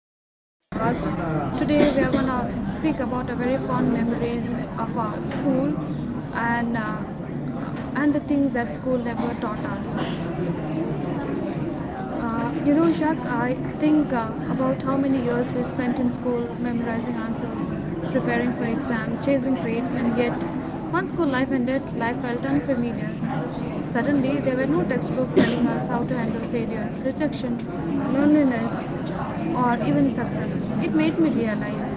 of our podcast. Today we are gonna speak about a very fond memories of our school and and the things that school never taught us. Shak, I think about how many years we spent in school memorizing answers, preparing for exam, chasing grades, and yet, once school life ended, life felt unfamiliar. Suddenly, there were no textbooks telling us how to handle failure, rejection, loneliness, or even success. It made me realize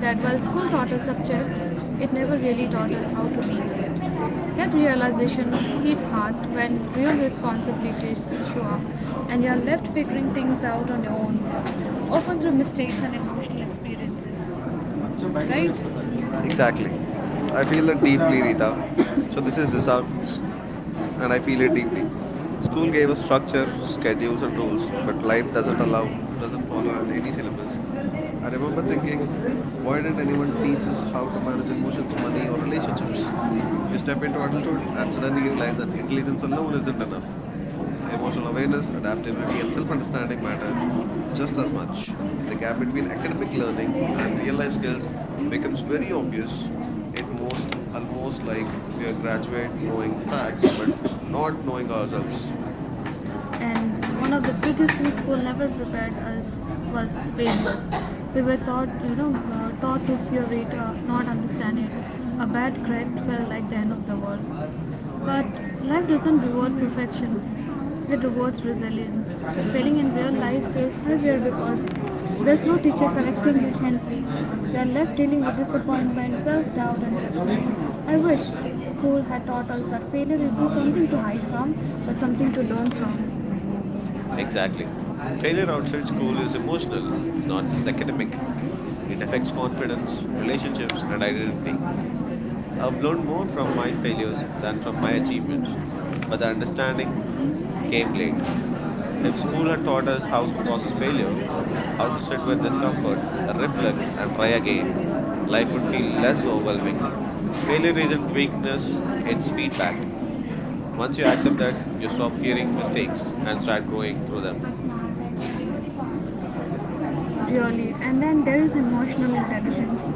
that while school taught us subjects, it never really taught us how to live. That realization hits hard when real responsibilities show up and you are left figuring things out on your own, often through mistakes and emotional experiences. Right? Exactly. I feel that deeply, Rita. So this is Zisak's, and I feel it deeply. School gave us structure, schedules, and rules, but life doesn't follow on any syllabus. I remember thinking, why didn't anyone teach us how to manage emotions, money, or relationships? You step into adulthood and suddenly realize that intelligence alone isn't enough. Emotional awareness, adaptability, and self-understanding matter just as much. The gap between academic learning and real life skills becomes very obvious. It most almost like we are graduate knowing facts but not knowing ourselves. And one of the biggest things school never prepared us was failure. We were taught, taught to fear it, not understand it. A bad grade felt like the end of the world. But life doesn't reward perfection. It rewards resilience. Failing in real life feels heavier because there's no teacher correcting you gently. You are left dealing with disappointment, self doubt, and judgment. I wish school had taught us that failure isn't something to hide from, but something to learn from. Exactly. Failure outside school is emotional, not just academic. It affects confidence, relationships, and identity. I've learned more from my failures than from my achievements, but the understanding came late. If school had taught us how to process failure, how to sit with discomfort, reflect, and try again, life would feel less overwhelming. Failure isn't weakness, it's feedback. Once you accept that, you stop fearing mistakes and start growing through them. Really. And then there is emotional intelligence.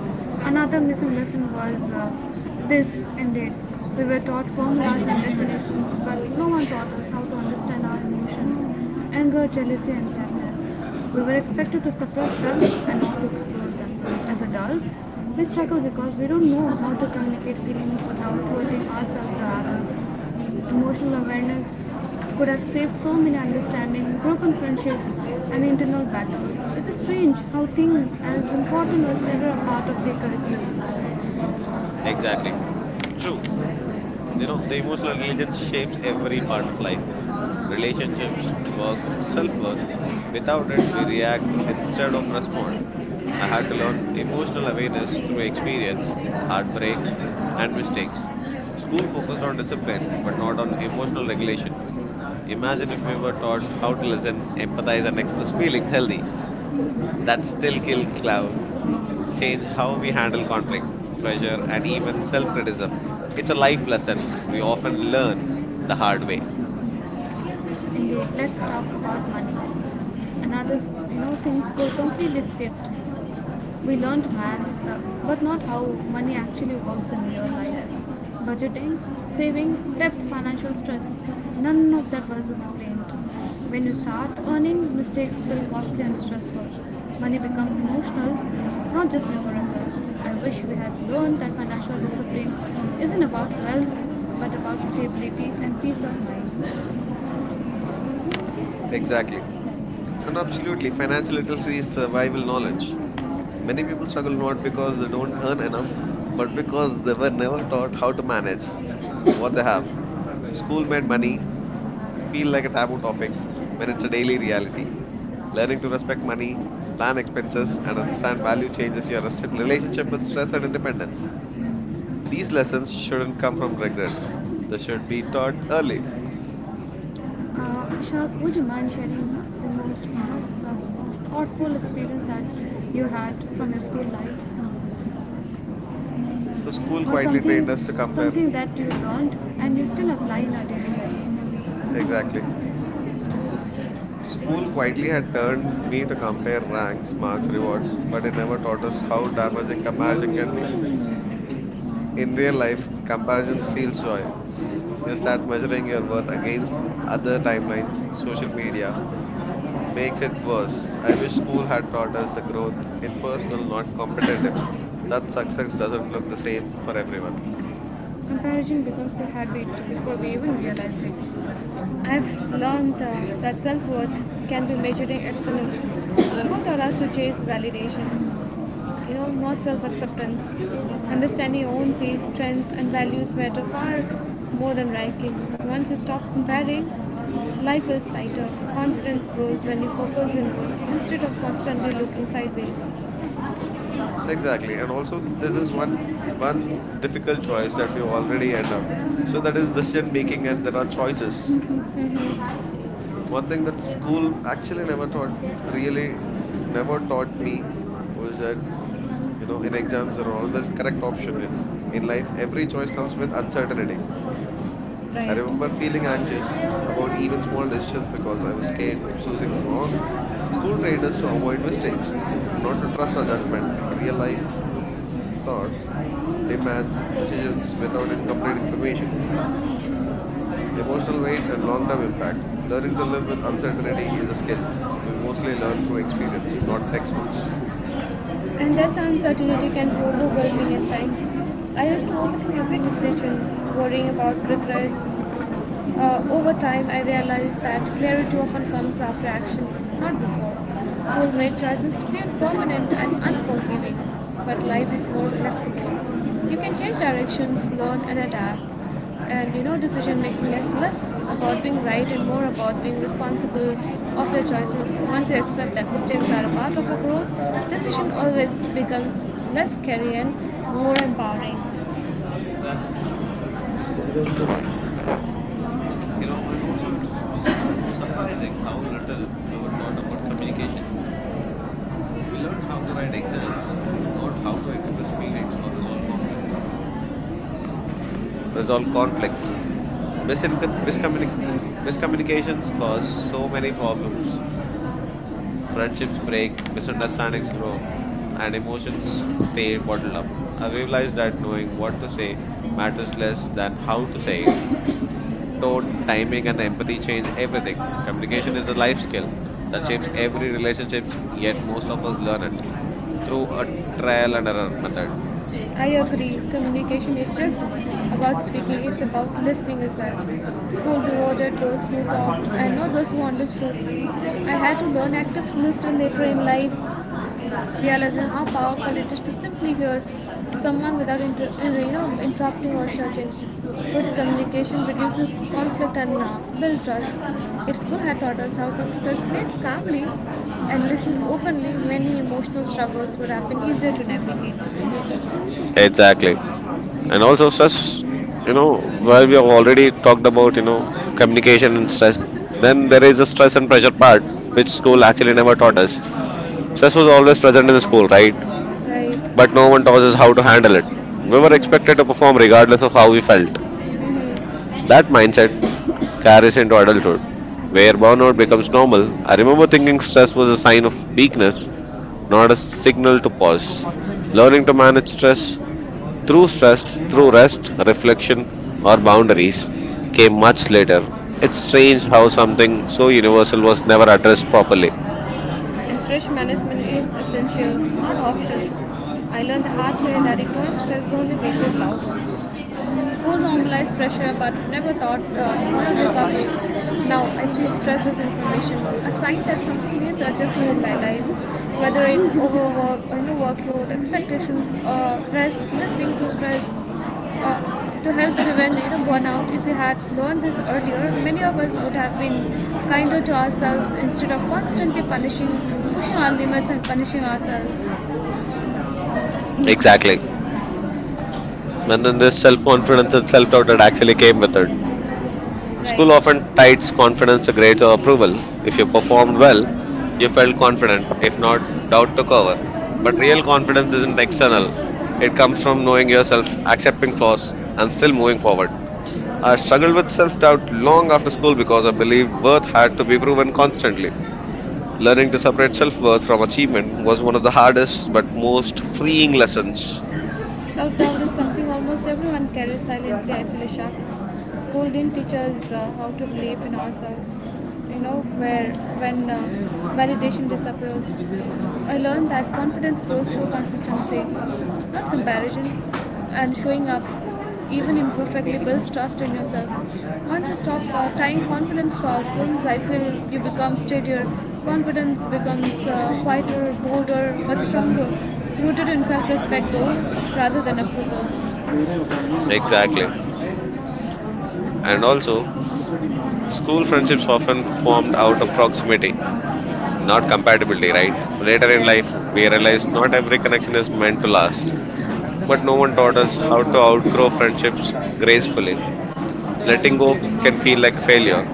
Another missing lesson was this indeed. We were taught formulas and definitions, but no one taught us how to understand our emotions, anger, jealousy, and sadness. We were expected to suppress them and not to explore them. As adults, we struggle because we don't know how to communicate feelings without hurting ourselves or others. Emotional awareness could have saved so many understanding, broken friendships, and internal battles. It's strange how things as important was never a part of the curriculum. Exactly. True. You know, the emotional intelligence shapes every part of life relationships, work, self worth. Without it, we react instead of respond. I had to learn emotional awareness through experience, heartbreak, and mistakes. School focused on discipline but not on emotional regulation. Imagine if we were taught how to listen, empathize, and express feelings healthy. That still kill cloud, change how we handle conflict, pressure, and even self criticism. It's a life lesson we often learn the hard way. Indeed, let's talk about money. Another, things go completely skipped. We learned math, but not how money actually works in real life. Budgeting, saving, depth, financial stress, none of that was explained. When you start earning, mistakes feel costly and stressful. Money becomes emotional, not just numerical. I wish we had learned that financial discipline isn't about wealth, but about stability and peace of mind. Exactly. And absolutely, financial literacy is survival knowledge. Many people struggle not because they don't earn enough, but because they were never taught how to manage what they have. School made money feel like a taboo topic when it's a daily reality. Learning to respect money, plan expenses, and understand value changes your relationship with stress and independence. These lessons shouldn't come from regret, they should be taught early. Ishaq, would you mind sharing the most thoughtful experience that you had from your school life, So, school or quietly something trained us to compare. something that you learned and you still apply in our daily life? Exactly. School quietly had turned me to compare ranks, marks, rewards, but it never taught us how damaging comparison can be. In real life, comparison steals joy. You start measuring your worth against other timelines, social media, makes it worse. I wish school had taught us the growth in personal, not competitive. That success doesn't look the same for everyone. Comparison becomes a habit before we even realize it. I've learned that self worth can be measured in external. School taught us to chase validation, not self acceptance. Understanding your own pace, strength, and values matter far more than rankings. Once you stop comparing, life feels lighter. Confidence grows when you focus inward instead of constantly looking sideways. Exactly. And also this is one difficult choice that we already end up. So that is decision making and there are choices. One thing that school actually never taught really never taught me was that, you know, in exams there are always a correct option in life every choice comes with uncertainty. I remember Right. feeling anxious about even small decisions because I was scared of choosing wrong. School trained us to avoid mistakes, not to trust our judgment. Real life thought demands decisions without incomplete information, emotional weight, and long term impact. Learning to live with uncertainty is a skill we mostly learn through experience, not textbooks. And that's how uncertainty can be overwhelming at times. I used to overthink every decision, worrying about regrets. Over time, I realized that clarity often comes after action, not before. School made choices feel permanent and unforgiving, but life is more flexible. You can change directions, learn, and adapt. And you know, decision making is less about being right and more about being responsible of your choices. Once you accept that mistakes are a part of your growth, decision always becomes less scary and more empowering. That's true. You know, and also it's surprising how little we were taught about communication. We learned how to write exams, not how to express feelings or resolve conflicts. Resolve conflicts. Misinco- miscommunic- miscommunications cause so many problems. Friendships break, misunderstandings grow, and emotions stay bottled up. I realized that knowing what to say matters less than how to say it. Tone, timing, and the empathy change everything. Communication is a life skill that shapes every relationships, yet most of us learn it through a trial and error method. I agree. Communication is just about speaking, it's about listening as well. School rewarded those who talked and not those who understood. I had to learn active listening later in life, realizing how powerful it is to simply hear someone without you know, interrupting or judging. Good communication reduces conflict and builds trust. If school had taught us how to express needs calmly and listen openly, many emotional struggles would have been easier to navigate. Exactly. And also stress, you know, while we have already talked about, you know, communication and stress, then there is a stress and pressure part, which school actually never taught us. Stress was always present in the school, right? But Right. no one taught us how to handle it. We were expected to perform regardless of how we felt. And That mindset carries into adulthood, where burnout becomes normal. I remember thinking stress was a sign of weakness, not a signal to pause. Learning to manage stress through rest, reflection, or boundaries came much later. It's strange how something so universal was never addressed properly. stress management is essential, not optional. I learned the hard way that ignoring stress is only making it louder. School normalized pressure, but never thought never recovery. Now I see stress as information, a sign that something needs adjustment in my life. Whether it's overwork, or no workload, expectations, or rest, listening to stress, to help prevent you know burnout. If we had learned this earlier, many of us would have been kinder to ourselves instead of pushing our limits and punishing ourselves. Exactly. And then this self confidence and self doubt that actually came with it. School often Right. ties confidence to grades or approval. If you performed well, you felt confident. If not, doubt took over. But real confidence isn't external, it comes from knowing yourself, accepting flaws, and still moving forward. I struggled with self doubt long after school because I believed worth had to be proven constantly. Learning to separate self worth from achievement was one of the hardest but most freeing lessons. Self doubt is something almost everyone carries silently, I feel Isha. School didn't teach us how to believe in ourselves, you know, where when validation disappears. I learned that confidence grows through consistency, not comparison, and showing up even imperfectly builds trust in yourself. Once you stop tying confidence to outcomes, I feel you become steadier. Confidence becomes quieter, bolder, but stronger, rooted in self-respect though, rather than approval. Exactly. And also, school friendships often formed out of proximity, not compatibility, right? Later in life, we Yes. realized not every connection is meant to last, but no one taught us how to outgrow friendships gracefully. Letting go can feel like a failure.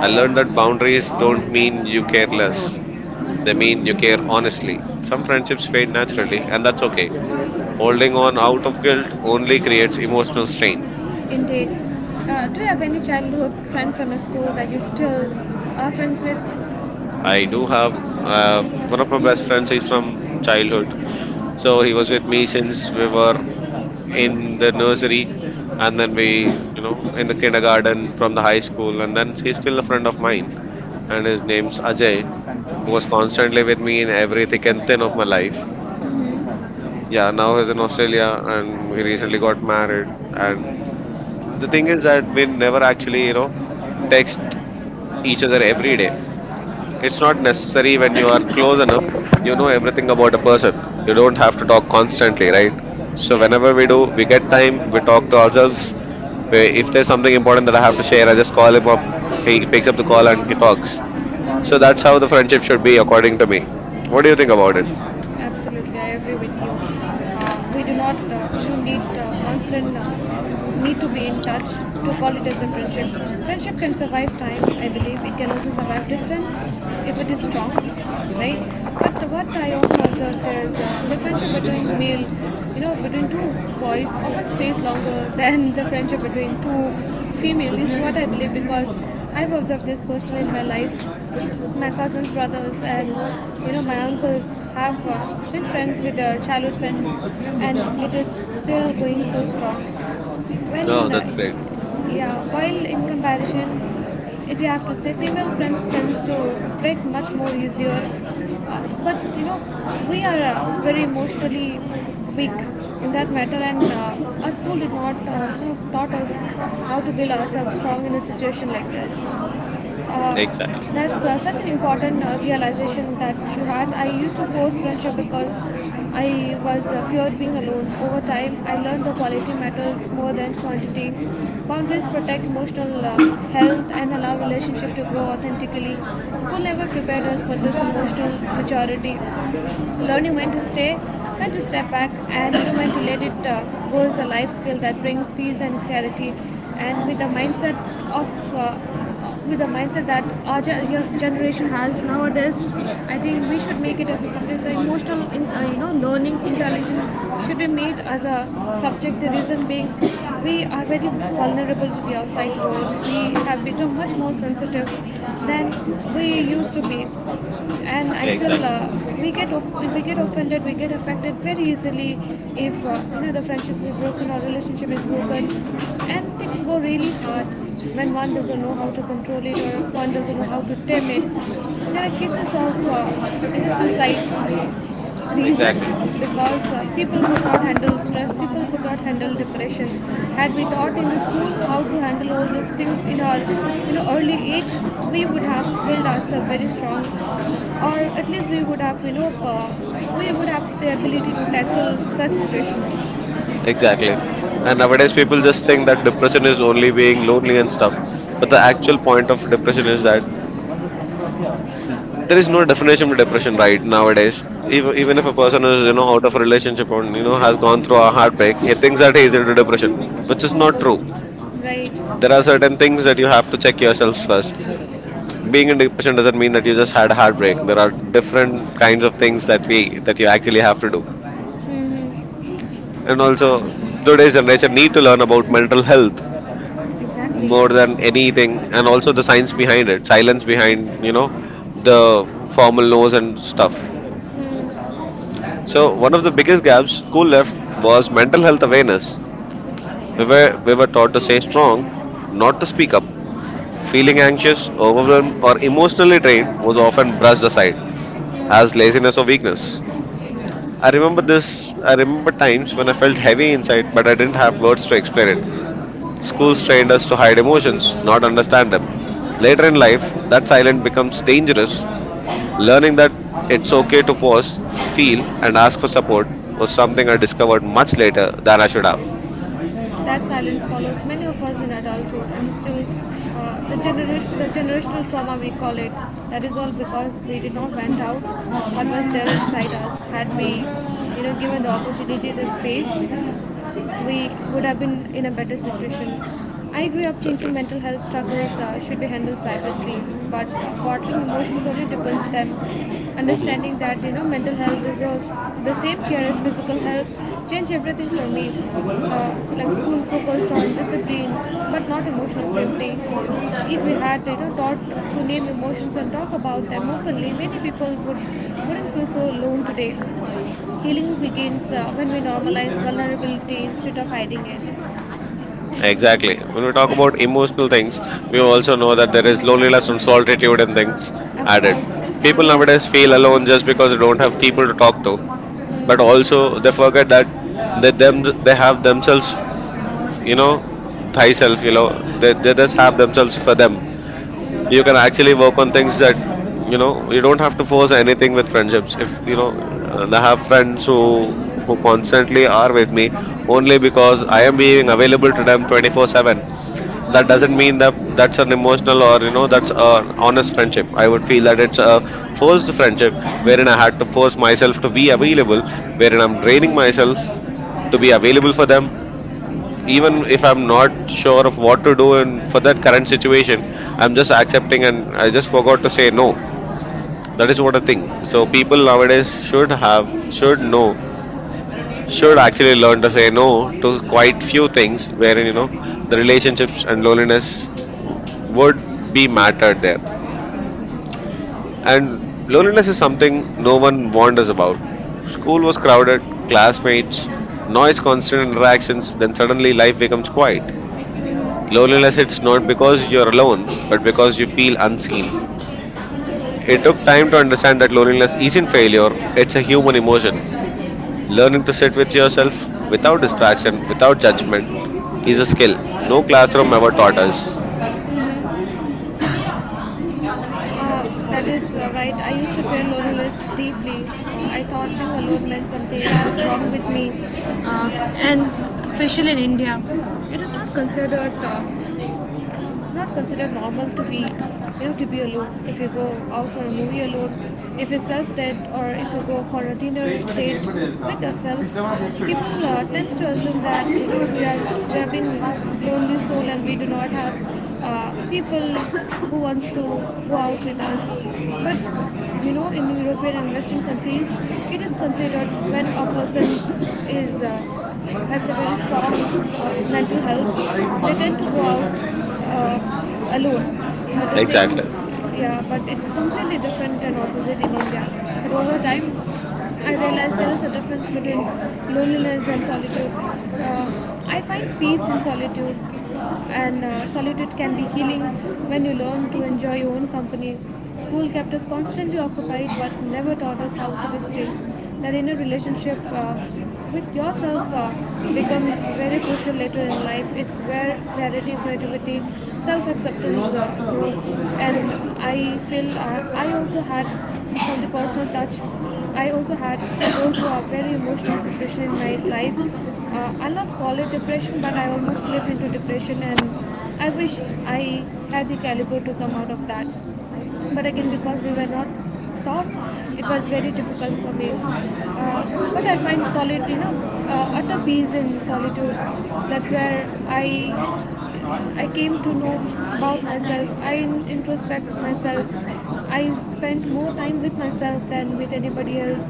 I learned that boundaries don't mean you care less. They mean you care honestly. Some friendships fade naturally, and that's okay. Holding on out of guilt only creates emotional strain. Intake. Do you have any childhood friend from a school that you still are friends with? I do have one of my best friends is from childhood, so अogरो he was with me since we भ were पुदेस हैं झाल झाल in कर the nursery, सहा 防 and then we, you know, in the kindergarten from the high school, and then he's still a friend of mine, and his name's Ajay, who was constantly with me in every thick and thin of my life. Yeah, now he's in Australia, and he recently got married, and the thing is that we never actually, you know, text each other every day. It's not necessary when you are close enough, झाल you know लाए everything about a person. You झूल don't have to talk constantly, right? So whenever Yes. we do, we get time, we talk to ourselves. We, if there's something important that I have to share, I just call him up. He Parliament. picks up the call and he talks. So that's how the friendship should be, according to me. What do you think about it? Absolutely, I agree with you. We do not you need constant need to be in touch to call it as a friendship. Friendship can survive time, I believe. It can also survive distance if it is strong, right? But what I often observed is the friendship between male, you know, between two boys often stays longer than the friendship between two female is what I believe because I've observed this personally in my life. My cousins, brothers, and you know my uncles have been friends with their childhood friends, and it is still going so strong No, when uh, that's great. yeah, while in comparison if you have to say female friends tends to break much more easier, but you know we are very emotionally weak in that matter and our school did not you know, taught us how to build ourselves strong in a situation like this. uh, Exactly. that's uh, such an important realization that you had. I used to force friendship because I was feared being alone. Over time, I learned the quality matters more than quantity. Boundaries protect emotional health and allow relationship to grow authentically. School never prepared us for this emotional maturity. Learning when to stay, when to step back, and you know, when to let it go is a life skill that brings peace and clarity. And of uh, with the mindset that our generation has nowadays, I think we should make it as a subject. The emotional, you know, learning intelligence should be made as a subject. The reason being, we are very vulnerable to the outside world. We have become much more sensitive than we used to be, and I feel Exactly. We we get offended, we get affected very easily if you know the friendships is broken or relationship is broken, and things go really hard when one doesn't know how to control it or one doesn't know how to tame it. There are cases of you know, suicide reason Exactly. because people could not handle stress, people could not handle depression. Had we taught in the school how to handle all these things in our you know early age, we would have built ourselves very strong, or at least we would have we would have the ability to tackle such situations. Exactly. And nowadays, people just think that depression is only being lonely and stuff. But the actual point of depression is that there is no definition for depression right Right. nowadays. Even if a person is, you know, out of a relationship and, you know, has gone through a heartbreak, he thinks that he is into depression, which is not true. There Mm. are certain things that you have to check yourself first. Being in depression doesn't mean that you just had a heartbreak. There are different kinds of things that we that you actually have to do. Mm-hmm. And also, today's generation need to learn about mental health more than Exactly. anything, and also the science behind it, silence behind, you know, the formal no's and stuff. Mm. So one of the biggest gaps school left was mental health awareness. We were taught to stay strong, not to speak up. Feeling anxious, overwhelmed, or emotionally drained was often brushed aside as laziness or weakness. I remember this. I remember times when I felt heavy inside, but I didn't have words to explain it. Schools trained us to hide emotions, not understand them. Later in life, that silence becomes dangerous. Learning that it's okay to pause, feel, and ask for support was something I discovered much later than I should have. That silence follows many of us in adulthood, and still, the generational trauma we call it. That is all because we did not vent out what was there inside us. Had we, you know, given the opportunity, the space, we would have been in a better situation. I grew up Exactly. thinking mental health struggles should be handled privately, but bottling emotions only deepens them. Hmm. Understanding that you know mental health deserves the same care as physical health changed everything for me. Like school focused on discipline, but not emotional safety. If we had you know taught to name emotions and talk about them openly, many people wouldn't feel so alone today. Healing begins when we normalize vulnerability instead of hiding it. Exactly. When we talk about emotional things, we also know that there is loneliness and solitude and things Of added. course, People nowadays yes. feel alone just because they don't have people to talk to, but also they forget that they have themselves, you know, thyself, you know, they just have themselves for them. You can actually work on things that, you know, you don't have to force anything with friendships. If you know, I have friends who constantly are with me only because I am being available to them 24/7. That doesn't mean that that's an emotional or, you know, that's an honest friendship. I would feel that it's a forced friendship, wherein I had to force myself to be available, wherein I'm draining myself to be available for them, even if I'm not sure of what to do and for that current situation, I'm just accepting and I just forgot to say no. That is what a thing. So people nowadays should have, should know, should actually learn to say no to quite few things wherein, you know, the relationships and loneliness would be mattered there. And loneliness is something no one warned us about. School was crowded, classmates, noise, constant interactions, then suddenly life becomes quiet. Loneliness hits not because you're alone, but because you feel unseen. It took time to understand that loneliness isn't failure, it's a human emotion. Learning to sit with yourself without distraction, without judgment, is a skill. No classroom ever taught us. Mhm. Uh, that is right. I used to feel loneliness deeply. I thought being alone meant something was wrong with me. And especially in India, it is not considered it's not considered normal to be you know to be alone. If you go out for a movie alone, if you self date, or if you go for a dinner date with yourself, people tend to assume that you know we are being lonely soul and we do not have people who wants to go out with us. But you know in european and western countries it is considered when a person is has a very strong mental health, they tend to go out alone. But the same, Exactly. yeah, but it's completely different and opposite in India. But over time, I realized there is a difference between loneliness and solitude. I find peace in solitude, and solitude can be healing when you learn to enjoy your own company. School kept us constantly occupied, but never taught us how to be still. That in a relationship, with yourself becomes very crucial later in life. It's where clarity, creativity, self-acceptance grow. And I feel I also had from the personal touch. I also had to go through a very emotional situation in my life. I'll not call it depression, but I almost slipped into depression, and I wish I had the caliber to come out of that. But again, because we were not taught, it was very difficult for me. But I find solitude, utter peace in solitude. That's where I came to know about myself. I introspect myself. I spent more time with myself than with anybody else.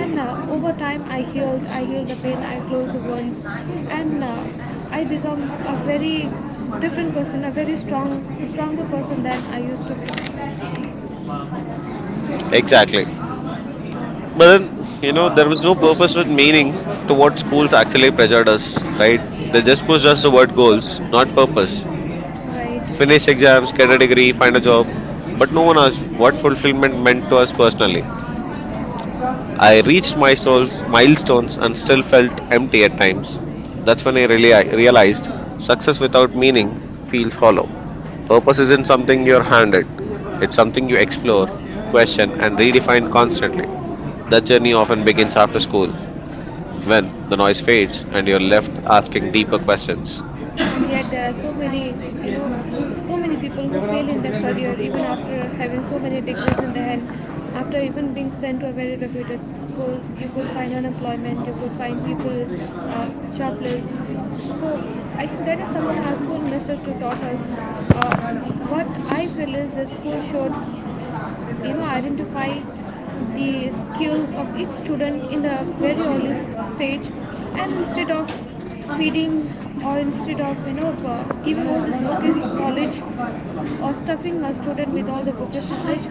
And over time, I healed. I healed the pain. I closed the wounds, and I become a very different person, a very strong, stronger person than I used to be. Exactly. But then, you know, there was no purpose with meaning to what schools actually pressured us, right? They just pushed us toward goals, not purpose. Right. Finish exams, get a degree, find a job. But no one asked what fulfillment meant to us personally. I reached my soul's milestones and still felt empty at times. That's when I realized success without meaning feels hollow. Purpose isn't something you're handed, it's something you explore, question, and redefine constantly. That journey often begins after school when the noise fades and you're left asking deeper questions. And yet there are so many, you know so many people who fail in their career even after having so many degrees in their hand, after even being sent to a very reputed school. You could find unemployment, you could find people jobless. So I think that is something our school minister to taught us. uh, what I feel is the school should, identify the skills of each student in the very early stage, and instead of feeding, or instead of giving all this bookish knowledge, or stuffing a student with all the bookish knowledge,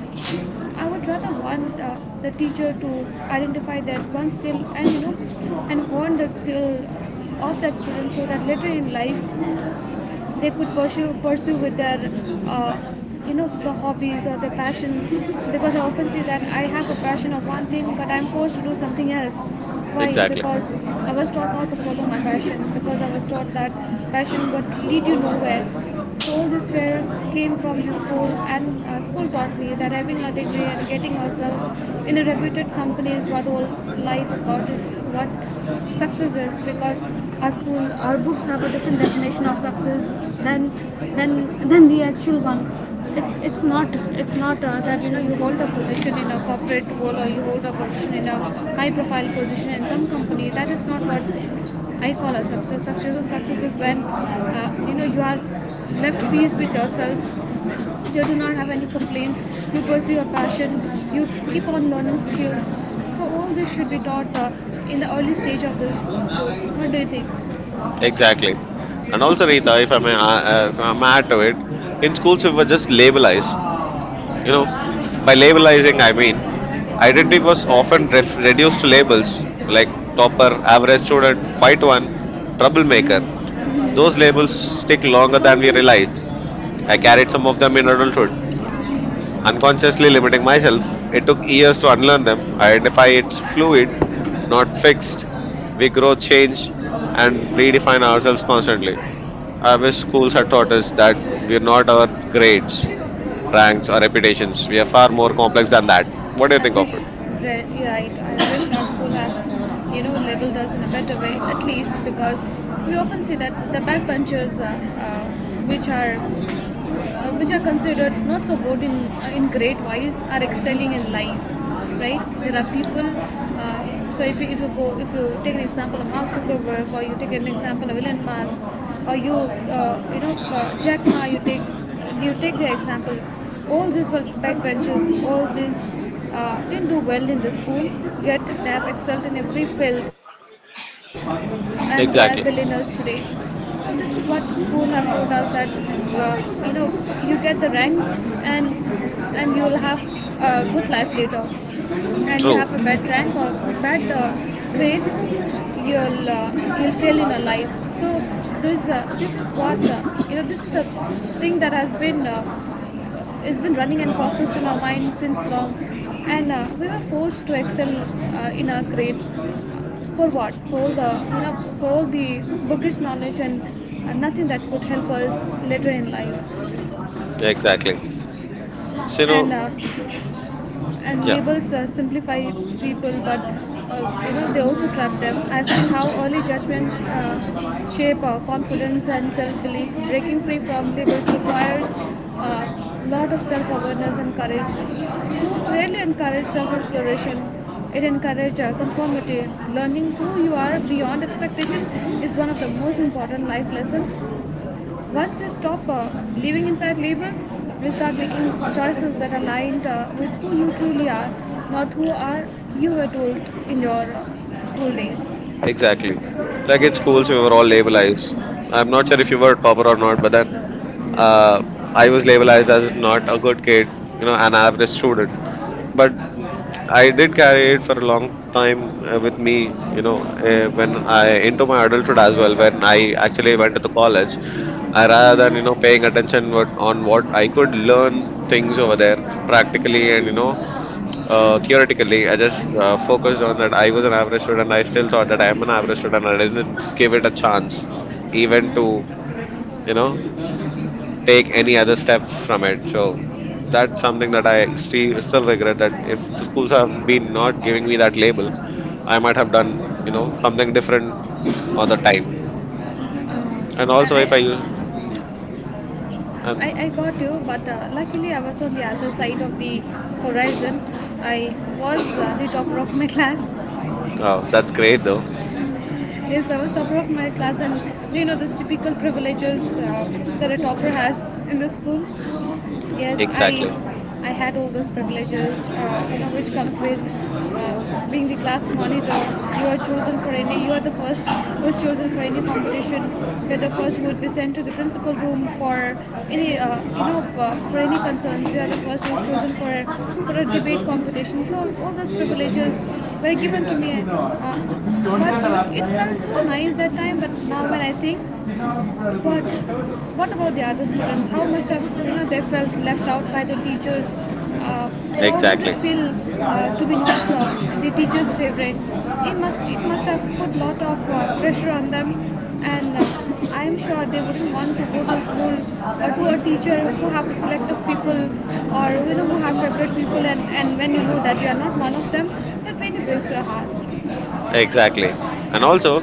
I would rather want the teacher to identify that one skill and, you know, and hone that skill of that student so that later in life they could pursue with their uh, you know, the hobbies or their passion, because I often see that I have a passion of one thing but I'm forced to do something else. Why? Exactly. Because I was taught not to follow my passion, because I was taught that passion would lead you nowhere. All this fear came from the school, and school taught me that having a degree and getting yourself in a reputed company is what all life about is, what success is, because our school, our books have a different definition of success than than than the actual one. It's not, it's not that, you know, you hold a position in a corporate role, or you hold a position in a high profile position in some company. That is not what I call a success. Success or success is when you know, you are left peace with yourself. You do not have any complaints. You pursue your passion. You keep on learning skills. So all this should be taught in the early stage of the school. What do you think? Exactly. And also, Rita, if I may add to it, in schools, we were just labelized. You know, by labelizing, I mean, identity was often reduced to labels like topper, average student, quiet one, troublemaker. Those labels stick longer than we realize. I carried some of them in adulthood, unconsciously limiting myself. It took years to unlearn them. Identify it's fluid, not fixed. We grow, change, and redefine ourselves constantly. I wish schools had taught us that we're not our grades, ranks, or reputations. We are far more complex than that. What do you I think wish of it? Right. I wish our school have, you know, labeled us in a better way, at least, because we often see that the backbenchers, uh, which are which are considered not so good in grade wise, are excelling in life. Right, there are people uh, so if you go if you take an example of Mark Zuckerberg, or you take an example of Elon Musk, or you you know, Jack Ma. You take the example, all these were backbenchers, all these didn't do well in the school, yet they have excelled in every field and they are billionaires today. Exactly. So this is what the school have taught us, that you know, you get the ranks and you will have a good life later. And you have a bad rank True. or bad grades, you'll uh, you'll fail in a life. So this this is what, you know, this is the thing that has been running and processed in our mind since long, and we were forced to excel in our grades. For what? For all the, for all the bookish knowledge and nothing that would help us later in life. Exactly. So, you And know, uh, and yeah, labels simplify people, but you know, they also trap them. I've seen how early judgment shape confidence and self-belief. Breaking free from labels requires a lot of self-awareness and courage. School really encourages self-exploration. It encourages conformity. Learning who you are beyond expectation is one of the most important life lessons. Once you stop living inside labels, you start making choices that are aligned with who you truly are, not who are you were told in your school days. exactly. Like in schools, we were all labelized. I'm not sure if you were a topper or not, but then uh, I was labelized as not a good kid, you know, an average student. But I did carry it for a long time with me, when I into my adulthood as well, when I actually went to the college, I rather than paying attention what, on what I could learn things over there practically and theoretically, I just focused on that I was an average student. I still thought that I am an average student. I didn't give it a chance, even to you know take any other step from it. So that's something that I still regret that if schools have been not giving me that label, I might have done something different other time. And also I, if I use I, and I got you, but luckily I was on the other side of the horizon. I was the topper of my class. oh, that's great though. Yes, I was topper of my class, and you know those typical privileges that a topper has in the school. Yes, i Exactly, I had all those privileges, you know, which comes with being the class monitor. You are the first who is chosen for any competition. You're the first who would be sent to the principal room for any you know, for any concerns. You are the first who is chosen for for a debate competition. So all those privileges were given to me, but it felt so nice that time. But now when I think, but what about the other students? How must have, you know, they felt left out by the teachers? Uh, how does it exactly, feel to be not the teacher's favorite? It must have put lot of pressure on them, and I am sure they wouldn't want to go to school, or to a teacher who have a select of people, or you know, who have favorite people, and when you know that you are not one of them, that really breaks your heart. exactly. And also,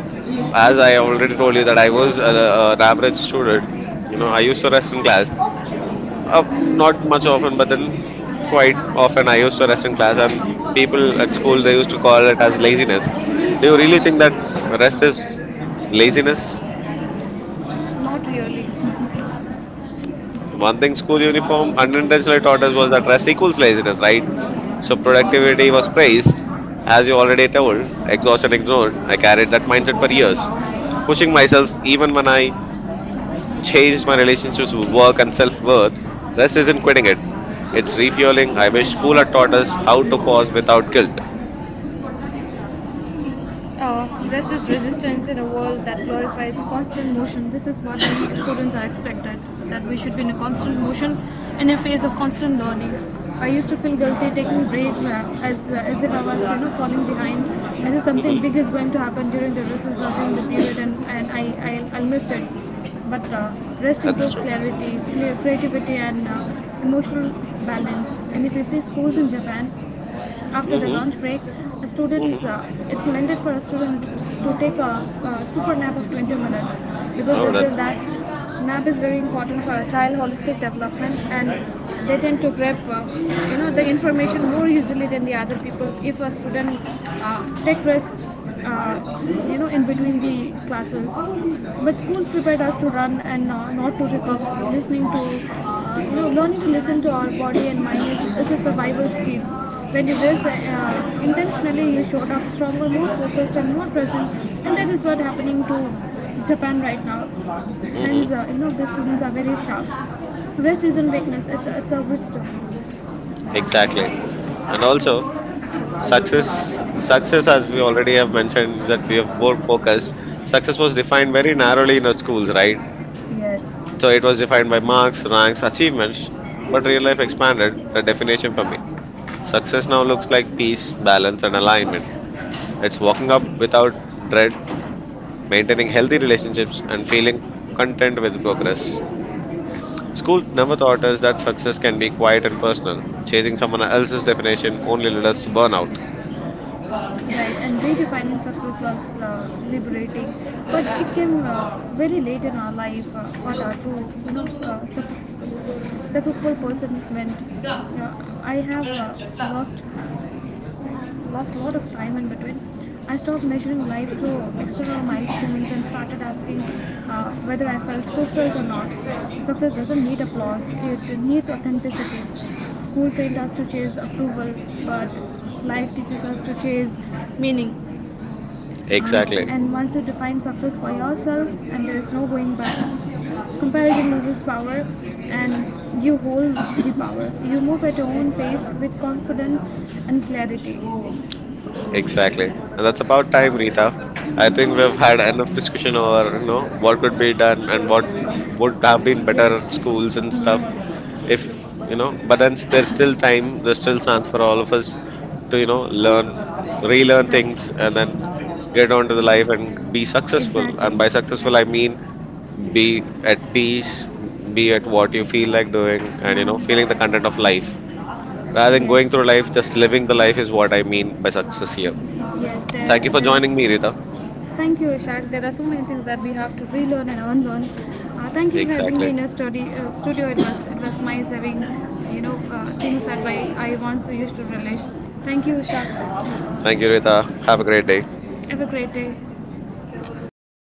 as I already told you that I was a, an average student. You know, I used to rest in class. Not much often, but then quite often I used to rest in class, and people at school they used to call it as laziness. Do you really think that rest is laziness? Not really. One thing school uniform unintentionally taught us was that rest equals laziness, right? So productivity was praised, as you already told, exhaustion ignored. I carried that mindset for years, pushing myself even when I changed my relationships with work and self worth. Rest isn't quitting it, it's refueling. I wish school had taught us how to pause without guilt. Rest is resistance in a world that glorifies constant motion. This is what we students are expected, that we should be in a constant motion, in a phase of constant learning. I used to feel guilty taking breaks, as if I was, you know, falling behind, as if hmm something big is going to happen during the recess or during the period, and I'll miss it. But rest That's improves true. clarity, creativity, and emotional balance. And if you see schools in Japan, after the hmm lunch break, a student hmm is it's intended for a student to take a, super nap of 20 minutes, because they Oh, feel that's that nap is very important for a child holistic development, and they tend to grab, you know, the information more easily than the other people if a student take rest, uh, you know, in between the classes. But school prepared us to run and not to recover. Listening to, you know, learning to listen to our body and mind is a survival skill. When you do this intentionally, you showed up stronger, more focused, and more present, and that is what happening to Japan right now. hmm Hence, you know, the students are very sharp. Rest isn't weakness; it's a wisdom. exactly. And also, success. Success, as we already have mentioned, that we have more focus. Success was defined very narrowly in our schools, right? Yes. So it was defined by marks, ranks, achievements. But real life expanded the definition for me. Success now looks like peace, balance, and alignment. It's walking up without dread, maintaining healthy relationships, and feeling content with progress. School never taught us that success can be quiet and personal. Chasing someone else's definition only led us to burnout. Right, and redefining success was liberating, but it came very late in our life. What our true, you know, successful person meant. Uh, I have lost lost a lot of time in between. I stopped measuring life through external milestones and started asking whether I felt fulfilled or not. Success doesn't need applause; it needs authenticity. School trained us to chase approval, but life teaches us to chase meaning. Exactly, And once you define success for yourself, and there is no going back, comparison loses power and you hold the power. You move at your own pace with confidence and clarity. exactly. And that's about time, Rita. I think we've had enough discussion over, you know, what could be done and what would have been better at Yes, schools and stuff. If, you know, but then there's still time, there's still chance for all of us to, you know, learn, relearn right, things and then get on to the life and be successful. exactly. And by successful, I mean Right. be at peace, be at what you feel like doing, and, you know, feeling the content of life. Rather than going Yes, through life, just living the life is what I mean by success here. yes, Thank you for joining me, Rita. thank you, Ishak. There are so many things that we have to relearn and unlearn. Thank you for having me Exactly. in your study, studio. It was nice having, you know, things that I once used to relish. Thank you, Ishak. Thank you, Rita. Have a great day. Have a great day.